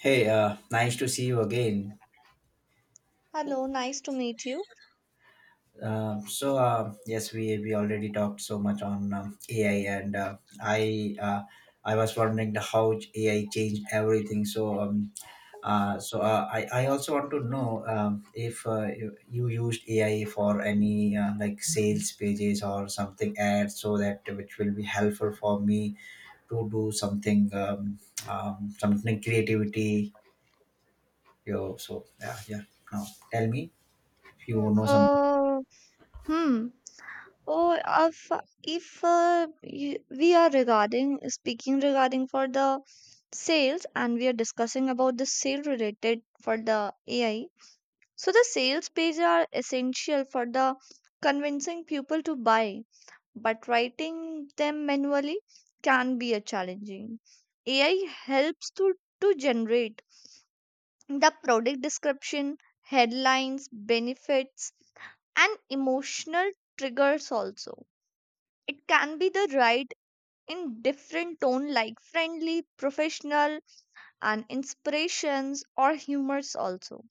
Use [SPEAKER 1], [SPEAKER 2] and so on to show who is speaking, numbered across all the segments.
[SPEAKER 1] Hey, nice to see you again.
[SPEAKER 2] Hello, nice to meet you.
[SPEAKER 1] Yes, we already talked so much on AI, and I uh, I was wondering the how AI changed everything. So I also want to know if you used AI for any like sales pages or something ads, so that which will be helpful for me to do something something creativity. So yeah, yeah. Now tell me if you know something.
[SPEAKER 2] Uh, hmm. Oh, if we are regarding speaking regarding for the sales, and we are discussing about the sale related for the AI. So the sales page are essential for the convincing people to buy, but writing them manually can be a challenging. AI helps to generate the product description, headlines, benefits, and emotional triggers also. It can be the right in different tone like friendly, professional, and inspirations or humors also.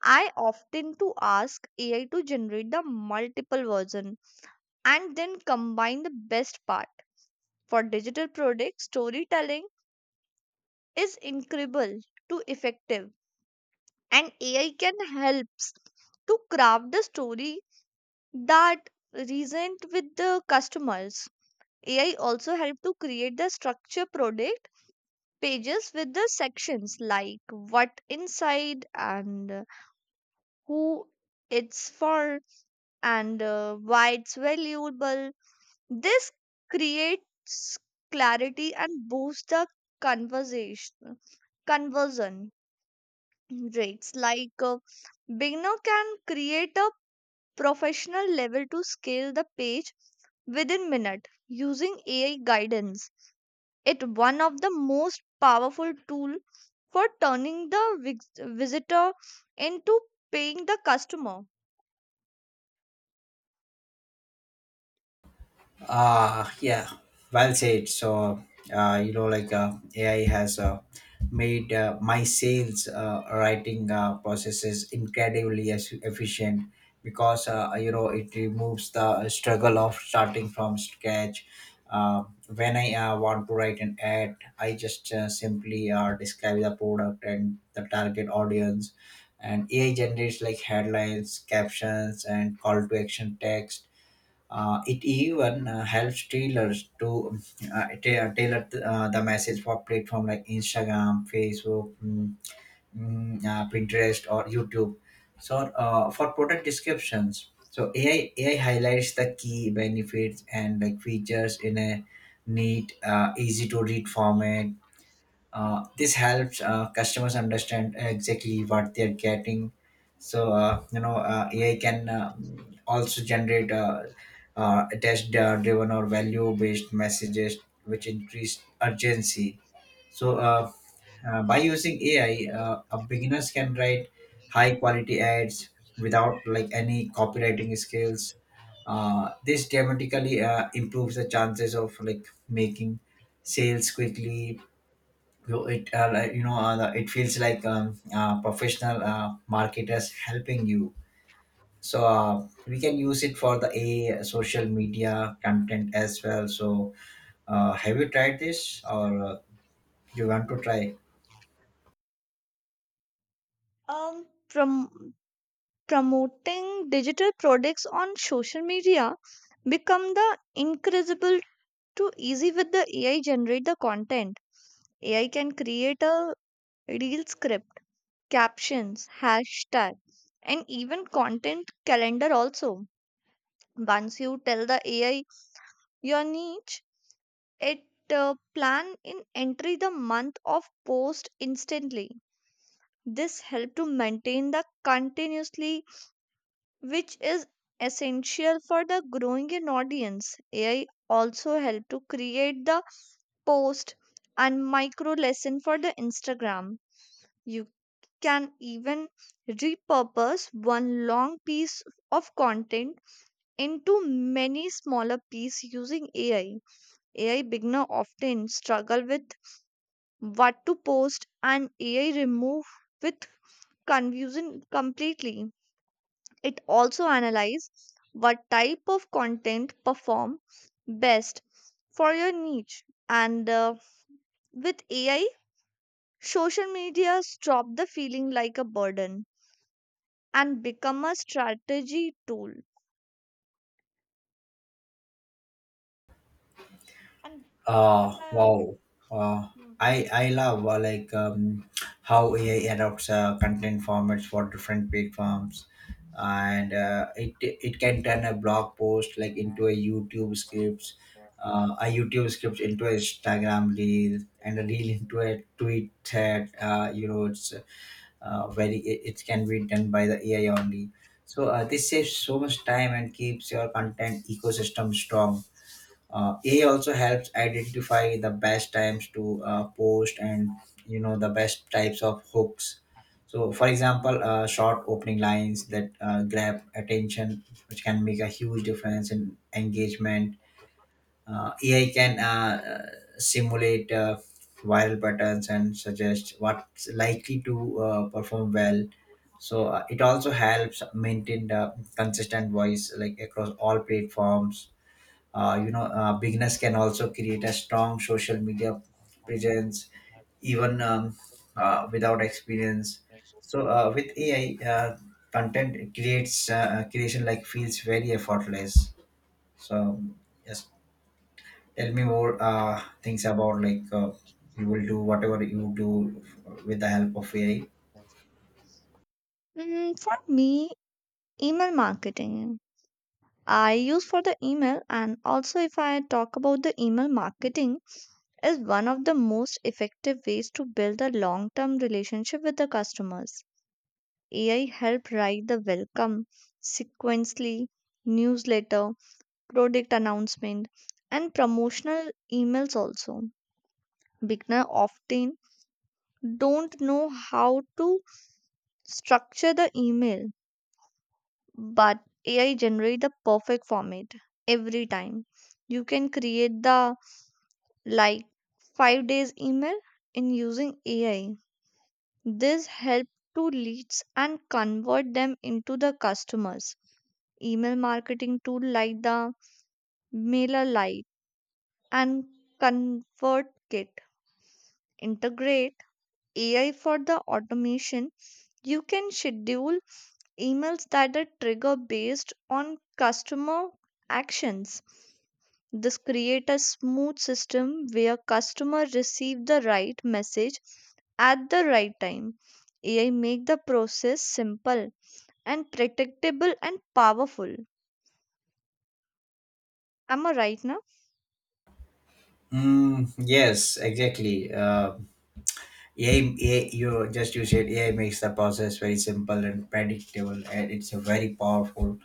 [SPEAKER 2] I often to ask AI to generate the multiple version and then combine the best part. For digital product storytelling is incredible to effective, and AI can helps to craft the story that recent with the customers. AI also helped to create the structure product pages with the sections like what inside and who it's for, and why it's valuable. This creates clarity and boosts the conversation conversion rates like beginner can create a professional level to scale the page within minute using AI guidance. It one of the most powerful tool for turning the visitor into paying the customer.
[SPEAKER 1] Ah, yeah, well said. So, AI has made my sales writing processes incredibly as efficient because, it removes the struggle of starting from scratch. Uh, when I want to write an ad, I just simply describe the product and the target audience. And AI generates like headlines, captions, and call to action text. It even helps tailors to tailor the message for platform like Instagram, Facebook, Pinterest, or YouTube. So for product descriptions, so AI highlights the key benefits and like features in a neat, easy to read format. This helps customers understand exactly what they're getting. So AI can also generate test-driven or value-based messages, which increase urgency. So by using AI, a beginners can write high-quality ads without like any copywriting skills. This dramatically improves the chances of like making sales quickly. You it like, you know It feels like professional marketers helping you. So we can use it for the a social media content as well. So have you tried this or you want to try?
[SPEAKER 2] Um, prom- promoting digital products on social media become the incredible to easy with the AI generate the content. AI can create a real script, captions, hashtags, and even content calendar also. Once you tell the AI your niche, it plan in entry the month of post instantly. This help to maintain the continuously, which is essential for the growing an audience. AI also help to create the post and micro lesson for the Instagram. You can even repurpose one long piece of content into many smaller pieces using AI. AI beginner often struggle with what to post, and AI remove with confusion completely. It also analyze what type of content perform best for your niche, and with AI, social media stop the feeling like a burden and become a strategy tool.
[SPEAKER 1] Wow. Uh,
[SPEAKER 2] Hmm.
[SPEAKER 1] I love how AI adopts content formats for different platforms, and it can turn a blog post like into a YouTube scripts, a YouTube script into a Instagram reel, and a reel into a tweet thread. It can be done by the AI only. This saves so much time and keeps your content ecosystem strong. AI also helps identify the best times to post and you know the best types of hooks. So, for example, short opening lines that grab attention, which can make a huge difference in engagement. AI can uh, simulate viral patterns and suggest what's likely to perform well. So it also helps maintain the consistent voice like across all platforms. Beginners can also create a strong social media presence even without experience. So with AI content creates creation like feels very effortless. So just tell me more things about like you will do whatever you do with the help of AI.
[SPEAKER 2] Mm, for me, email marketing. I use for the email, and also if I talk about the email marketing, is one of the most effective ways to build a long-term relationship with the customers. AI help write the welcome, sequentially, newsletter, product announcement, and promotional emails also. Beginner often don't know how to structure the email, but AI generate the perfect format every time. You can create the like 5 days email in using AI. This help to leads and convert them into the customers. Email marketing tool like the MailerLite Lite and ConvertKit integrate AI for the automation. You can schedule emails that are trigger based on customer actions. This create a smooth system where customer receive the right message at the right time. AI make the process simple and predictable and powerful. Am I right now?
[SPEAKER 1] Mm, yes, exactly. AI, you said AI makes the process very simple and predictable, and it's a very powerful.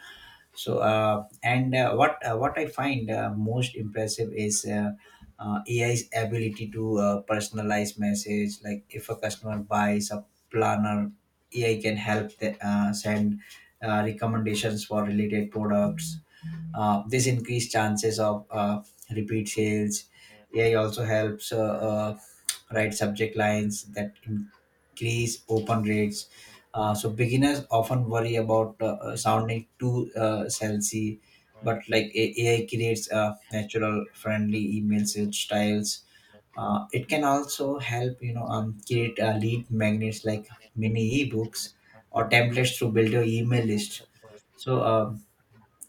[SPEAKER 1] So, and what I find most impressive is AI's ability to personalize message. Like if a customer buys a planner, AI can help the, send recommendations for related products. This increased chances of repeat sales. AI also helps write subject lines that increase open rates. So beginners often worry about sounding too salesy, but like AI creates natural, friendly email sales styles. It can also help create lead magnets like mini ebooks or templates to build your email list. So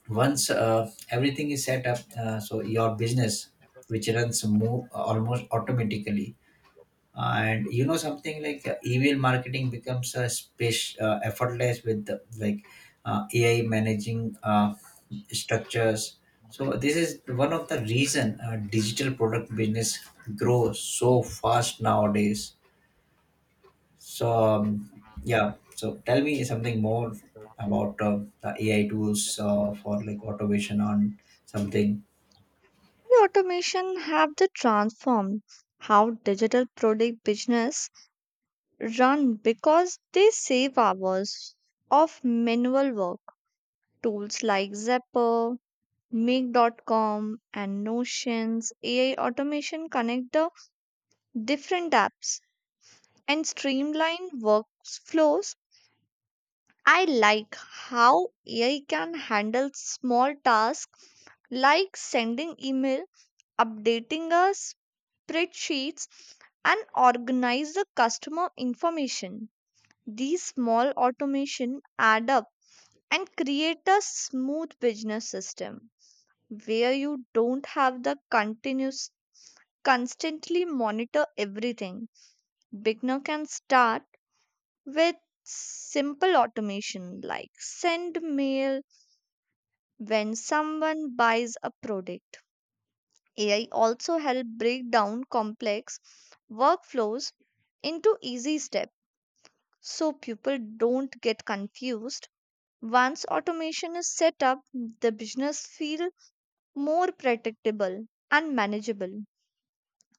[SPEAKER 1] once everything is set up, so your business, which runs almost automatically. And you know something like email marketing becomes a space effortless with the, like AI managing structures. So this is one of the reason digital product business grows so fast nowadays. So tell me something more about the AI tools for like automation on something.
[SPEAKER 2] The automation have the transformed how digital product business run because they save hours of manual work. Tools like Zeppo, Make.com and Notions AI automation connect the different apps, and streamlined workflows. I like how AI can handle small tasks like sending email, updating a spreadsheets, and organize the customer information. These small automation add up and create a smooth business system where you don't have the continuous constantly monitor everything. Beginner can start with simple automation like send mail when someone buys a product. AI also help break down complex workflows into easy steps so people don't get confused. Once automation is set up, the business feel more predictable and manageable.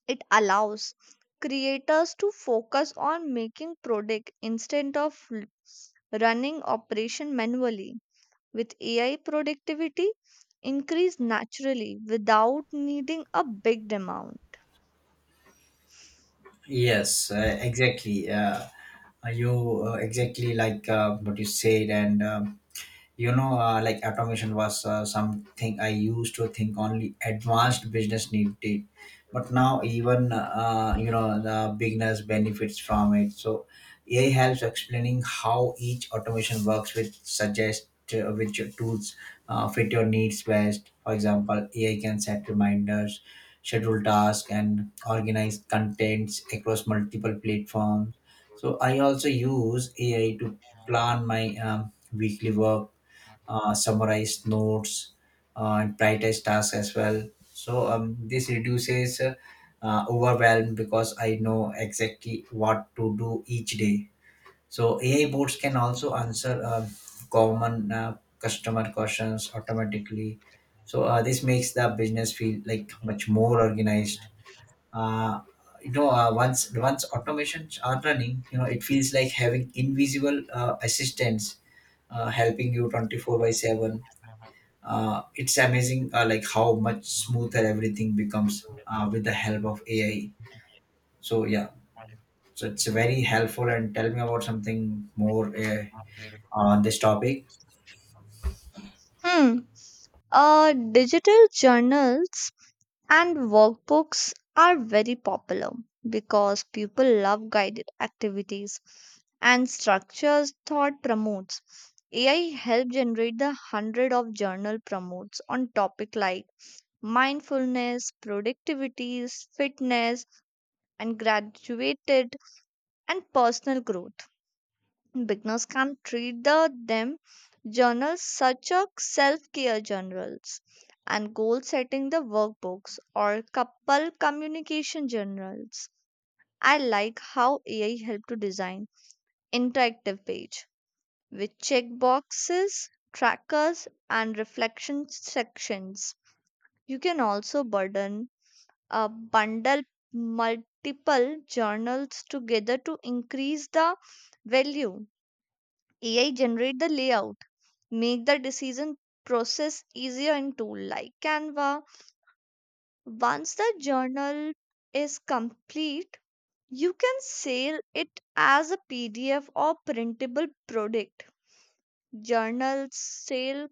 [SPEAKER 2] It allows creators to focus on making product instead of running operation manually. With AI, productivity increased naturally without needing a big amount.
[SPEAKER 1] Yes, you exactly like what you said and you know like automation was something I used to think only advanced business needed. But now even you know the beginners benefits from it. So AI helps explaining how each automation works with suggest which tools fit your needs best. For example, AI can set reminders, schedule tasks and organize contents across multiple platforms. So I also use AI to plan my um, weekly work, summarized notes, and prioritize tasks as well. So this reduces overwhelm because I know exactly what to do each day. So AI bots can also answer common customer questions automatically. This makes the business feel like much more organized. Uh, once automations are running, you know, it feels like having invisible assistants helping you 24 by 7. It's amazing like how much smoother everything becomes with the help of AI. So yeah, so it's very helpful. And tell me about something more on this topic.
[SPEAKER 2] Hmm. Digital journals and workbooks are very popular because people love guided activities and structures thought promotes. AI helped generate the hundred of journal promotes on topic like mindfulness, productivities, fitness, and graduated and personal growth. Beginners can treat the them journals such as self-care journals and goal setting the workbooks or couple communication journals. I like how AI help to design interactive page with checkboxes, trackers and reflection sections. You can also burden a bundle multiple journals together to increase the value. AI generate the layout make the decision process easier in tool like Canva. Once the journal is complete, you can sell it as a PDF or printable product. Journals sell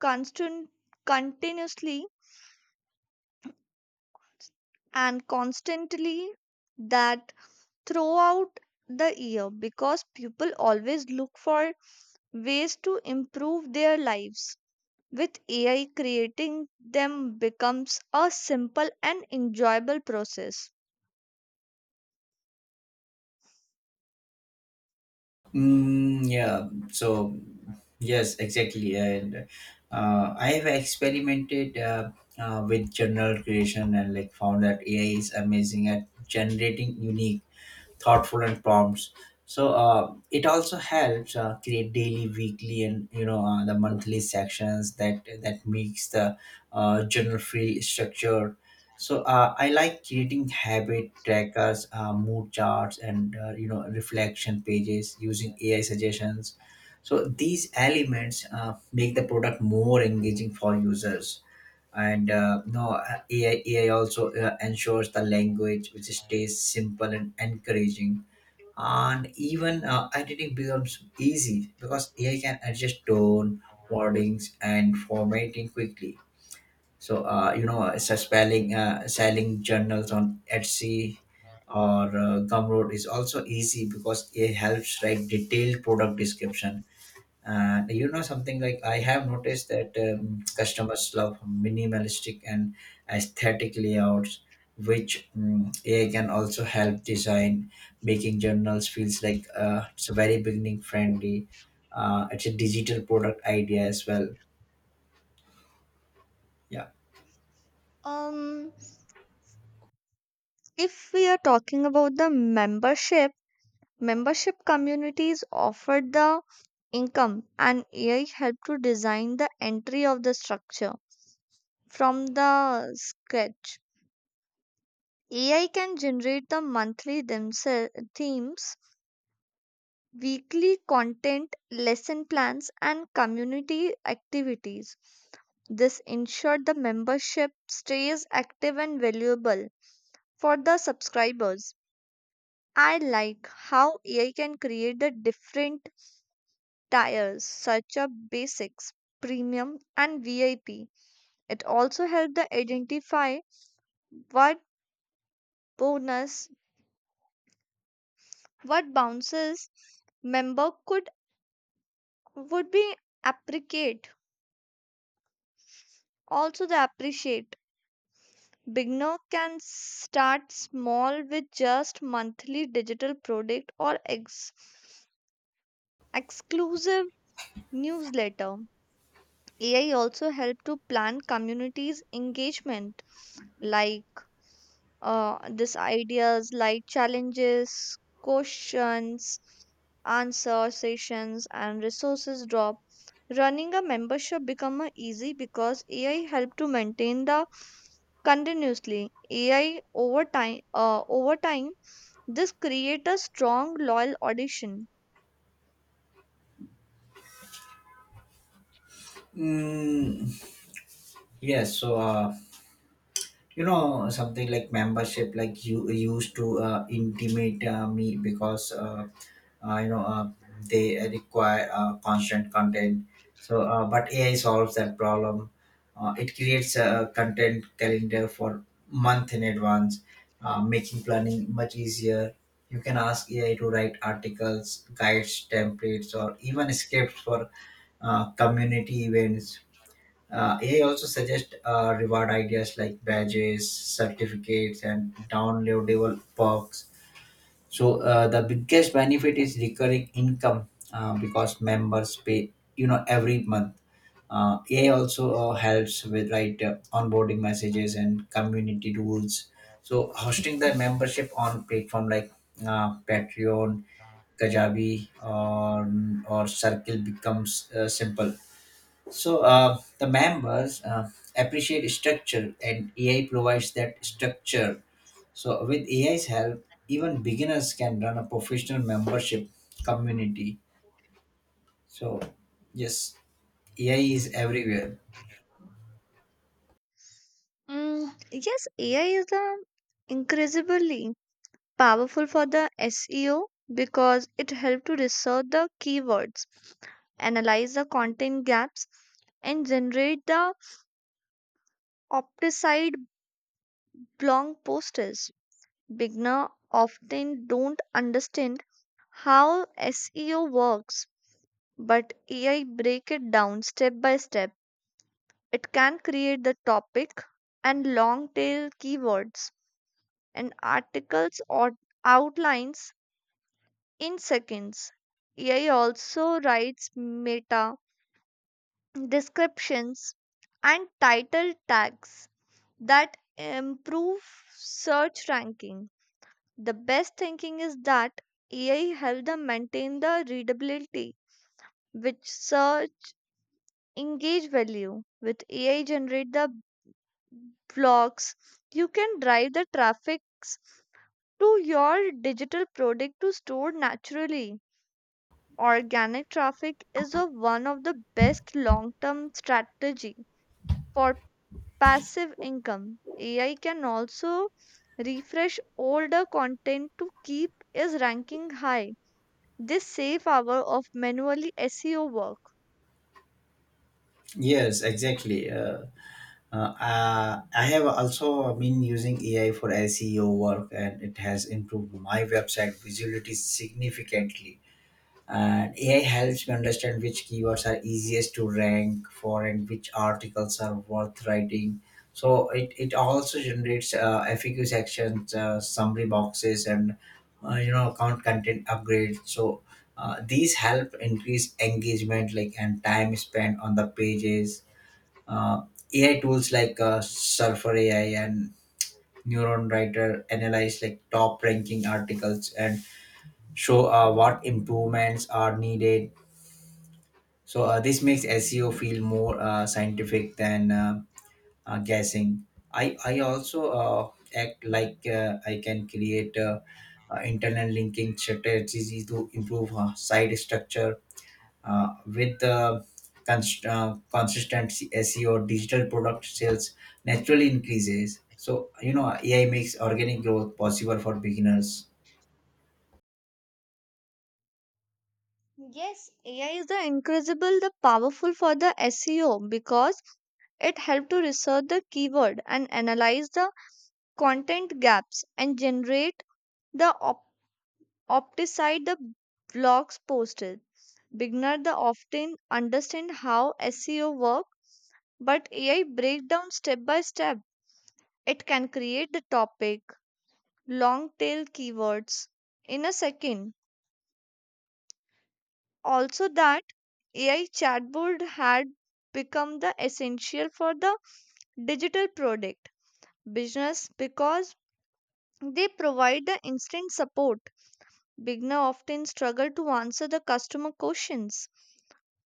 [SPEAKER 2] constant, continuously and constantly that throughout the year because people always look for ways to improve their lives. With AI, creating them becomes a simple and enjoyable process.
[SPEAKER 1] Mm, yeah so yes exactly. And I have experimented with journal creation and like found that AI is amazing at generating unique, thoughtful and prompts. So it also helps create daily, weekly and you know the monthly sections that makes the journal feel structured. So I like creating habit trackers, mood charts and you know reflection pages using AI suggestions. So these elements make the product more engaging for users. And no AI also ensures the language which stays simple and encouraging, and even editing becomes easy because AI can adjust tone, wordings, and formatting quickly. So selling journals on Etsy or Gumroad is also easy because it helps write detailed product description. And you know something like I have noticed that customers love minimalistic and aesthetic layouts, which AI can also help design. Making journals feels like it's a very beginning friendly. It's a digital product idea as well. Yeah.
[SPEAKER 2] Um, if we are talking about the membership, membership communities offered the income, and AI helped to design the entry of the structure from the sketch. AI can generate the monthly themes, weekly content, lesson plans, and community activities. This ensured the membership stays active and valuable for the subscribers. I like how AI can create the different tiers such as basics, premium, and VIP. It also helped the identify what bonus, what bounces member could would be appreciate. Also the appreciate beginner can start small with just monthly digital product or exclusive newsletter. AI also help to plan communities engagement like this ideas like challenges, questions, answer sessions and resources drop. Running a membership become a easy because AI help to maintain the continuously. AI over time this create a strong loyal audition.
[SPEAKER 1] Mm, yes. So you know something like membership like you used to intimate me because, uh, you know uh, they require constant content. So but AI solves that problem. It creates a content calendar for month in advance, making planning much easier. You can ask AI to write articles, guides, templates or even scripts for community events. AI also suggests reward ideas like badges, certificates, and downloadable perks. So the biggest benefit is recurring income because members pay, you know, every month. AI also helps with right onboarding messages and community rules. So hosting the membership on platform like Patreon, Kajabi, or Circle becomes simple. So the members appreciate structure, and AI provides that structure. So with AI's help, even beginners can run a professional membership community. So yes, AI is everywhere.
[SPEAKER 2] Mm, yes, AI is a incredibly powerful for the SEO because it helped to research the keywords, analyze the content gaps, and generate the opticide blog posters. Beginner often don't understand how SEO works, but AI break it down step by step. It can create the topic and long tail keywords and articles or outlines in seconds. AI also writes meta descriptions and title tags that improve search ranking. The best thinking is that AI helps them maintain the readability, which search engage value. With AI generate the blogs, you can drive the traffic to your digital product to store naturally. Organic traffic is a, one of the best long-term strategy for passive income. AI can also refresh older content to keep its ranking high. This save hour of manually SEO work.
[SPEAKER 1] Yes, exactly. I have also been using AI for SEO work, and it has improved my website visibility significantly. And AI helps me understand which keywords are easiest to rank for and which articles are worth writing. So it also generates FAQ sections, summary boxes, and you know account content upgrades. So these help increase engagement like and time spent on the pages. Uh, AI tools like Surfer AI and Neuron Writer analyze like top ranking articles and show what improvements are needed. So this makes SEO feel more scientific than guessing. I also act like I can create internal linking strategies to improve site structure with consistent SEO digital product sales naturally increases. So you know AI makes organic growth possible for beginners.
[SPEAKER 2] Yes, AI is the incredible, the powerful for the SEO because it helps to research the keyword and analyze the content gaps and generate the opticide the blogs posted. Beginners often understand how SEO work, but AI break down step by step. It can create the topic, long tail keywords in a second. Also that AI chatbot had become the essential for the digital product business because they provide the instant support. Beginner often struggle to answer the customer questions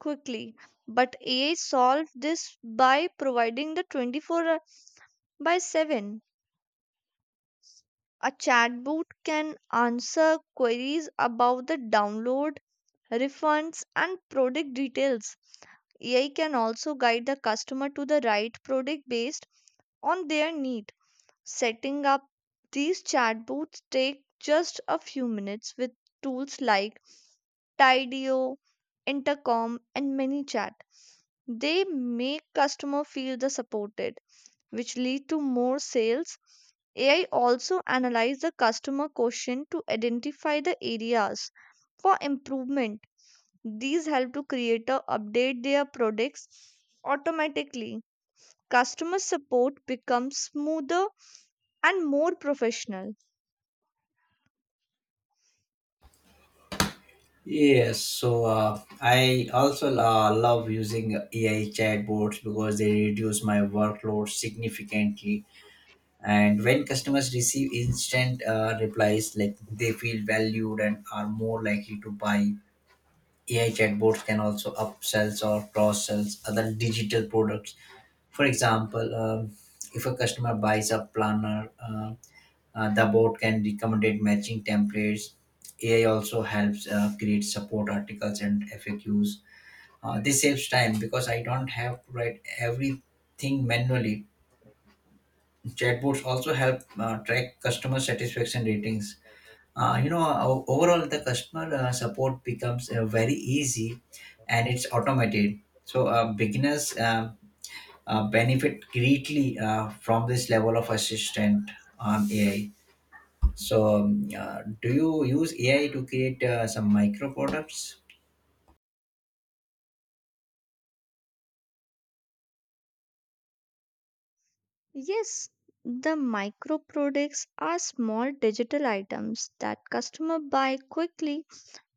[SPEAKER 2] quickly, but AI solved this by providing the 24/7, a chatbot can answer queries about the download, refunds, and product details. AI can also guide the customer to the right product based on their need. Setting up these chatbots take just a few minutes with tools like Tidio, Intercom, and ManyChat. They make customer feel the supported, which lead to more sales. AI also analyze the customer question to identify the areas for improvement. These help to creator update their products automatically. Customer support becomes smoother and more professional.
[SPEAKER 1] Yes, so I also love using AI chatbots because they reduce my workload significantly. And when customers receive instant replies, like they feel valued and are more likely to buy. AI chatbots can also upsells or cross sells other digital products. For example, if a customer buys a planner. The bot can recommend matching templates. AI also helps create support articles and FAQs. This saves time because I don't have to write everything manually. Chatbots also help track customer satisfaction ratings. Overall, the customer support becomes very easy and it's automated. So, beginners benefit greatly from this level of assistant on AI. So, do you use AI to create some micro products?
[SPEAKER 2] Yes, the micro products are small digital items that customer buy quickly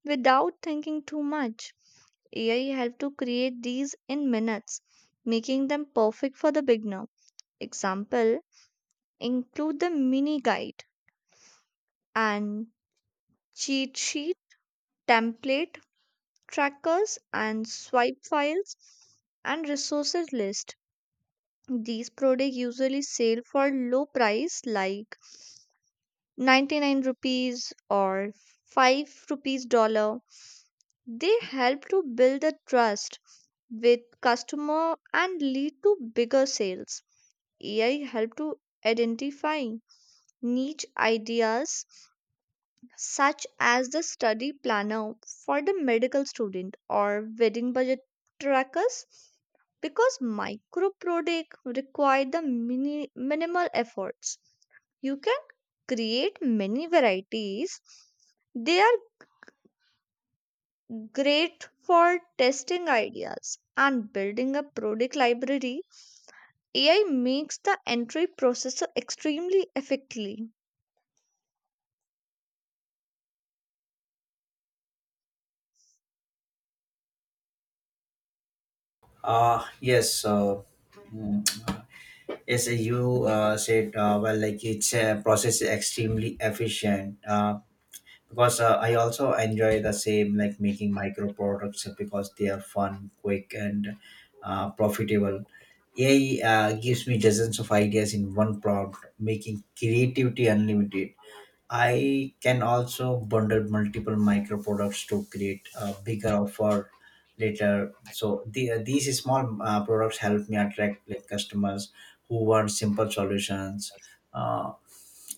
[SPEAKER 2] without thinking too much. AI helped to create these in minutes, making them perfect for the beginner. Example include the mini guide and cheat sheet, template trackers, and swipe files and resources list. These products usually sell for low price like 99 rupees or 5 rupees dollar. They help to build the trust with customer and lead to bigger sales. AI help to identify niche ideas such as the study planner for the medical student or wedding budget trackers because micro product require the minimal efforts. You can create many varieties. They are great for testing ideas and building a product library. AI makes the entry processor extremely effectively.
[SPEAKER 1] Uh, yes. Uh, mm, yes, you said, well, like it's a process is extremely efficient. Because I also enjoy the same, like making micro products because they are fun, quick, and profitable. AI gives me dozens of ideas in one prompt, making creativity unlimited. I can also bundle multiple micro products to create a bigger offer later. So the, these small products help me attract like customers who want simple solutions. Uh,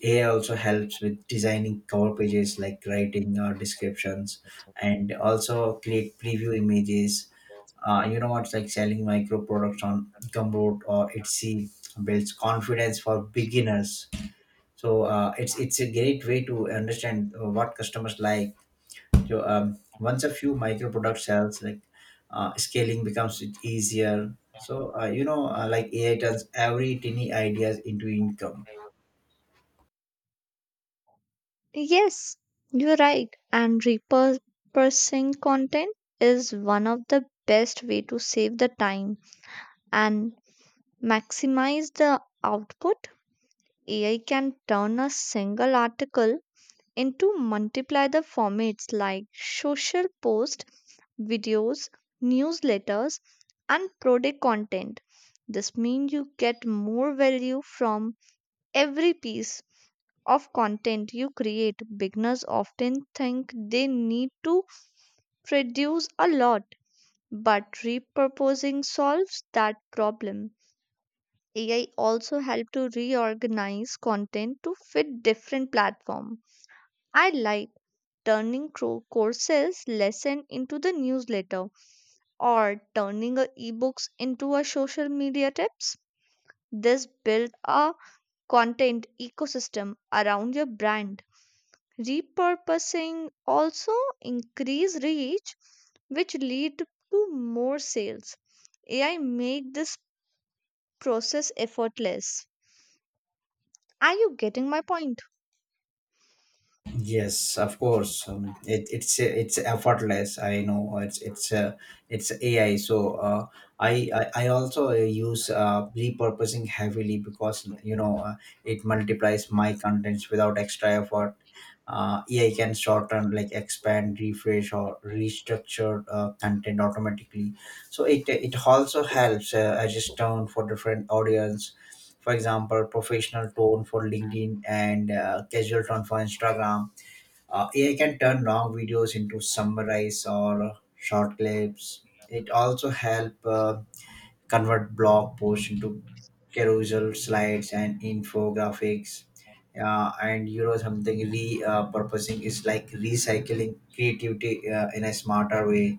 [SPEAKER 1] AI also helps with designing cover pages like writing or descriptions and also create preview images. You know what's like selling micro products on Gumroad or Etsy builds confidence for beginners. So it's a great way to understand what customers like. So once a few micro product sells like scaling becomes it easier. So you know like AI turns every tiny ideas into income.
[SPEAKER 2] Yes, you're right. And repurposing content is one of the best way to save the time and maximize the output. AI can turn a single article into multiply the formats like social posts, videos, newsletters, and product content. This means you get more value from every piece of content you create. Beginners often think they need to produce a lot, but repurposing solves that problem. AI also help to reorganize content to fit different platforms. I like turning courses lesson into the newsletter or turning a ebooks into a social media tips. This build a content ecosystem around your brand. Repurposing also increase reach, which lead to more sales. AI make this process effortless. Are you getting my point?
[SPEAKER 1] Yes, of course. It's effortless. I know it's AI. So I, I also use repurposing heavily because you know it multiplies my contents without extra effort. AI can shorten, like expand, refresh, or restructure content automatically. So it also helps adjust tone for different audience. For example, professional tone for LinkedIn and casual tone for Instagram. AI can turn long videos into summarize or short clips. It also help convert blog posts into carousel slides and infographics. And you know something repurposing purposing is like recycling creativity in a smarter way.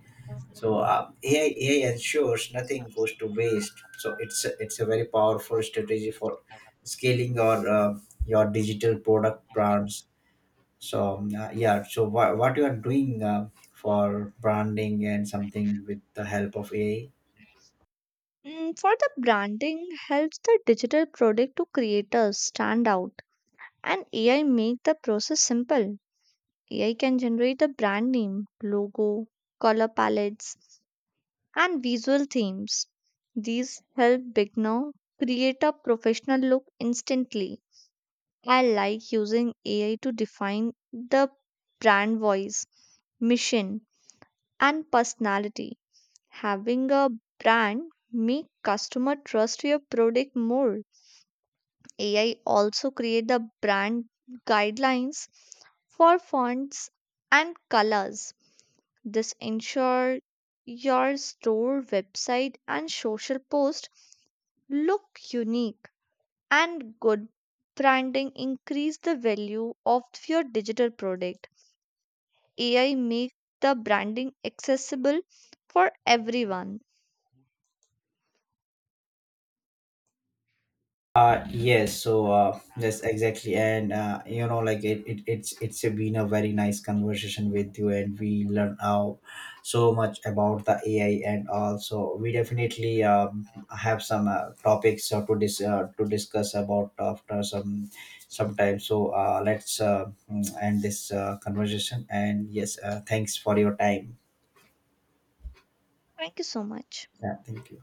[SPEAKER 1] So AI ensures nothing goes to waste. So it's a very powerful strategy for scaling your digital product brands. So what you are doing for branding and something with the help of AI?
[SPEAKER 2] Mm, for the branding helps the digital product to creators stand out, and AI make the process simple. AI can generate the brand name, logo, color palettes and visual themes. These help beginner create a professional look instantly. I like using AI to define the brand voice, mission, and personality. Having a brand make customer trust your product more. AI also create the brand guidelines for fonts and colors. This ensure your store website and social post look unique, and good branding increase the value of your digital product. AI make the branding accessible for everyone.
[SPEAKER 1] Yes, exactly, and you know, like it, it's been a very nice conversation with you, and we learn how so much about the AI, and also we definitely have some topics to discuss about after some time. So let's end this conversation, and yes, thanks for your time.
[SPEAKER 2] Thank you so much.
[SPEAKER 1] Yeah, thank you.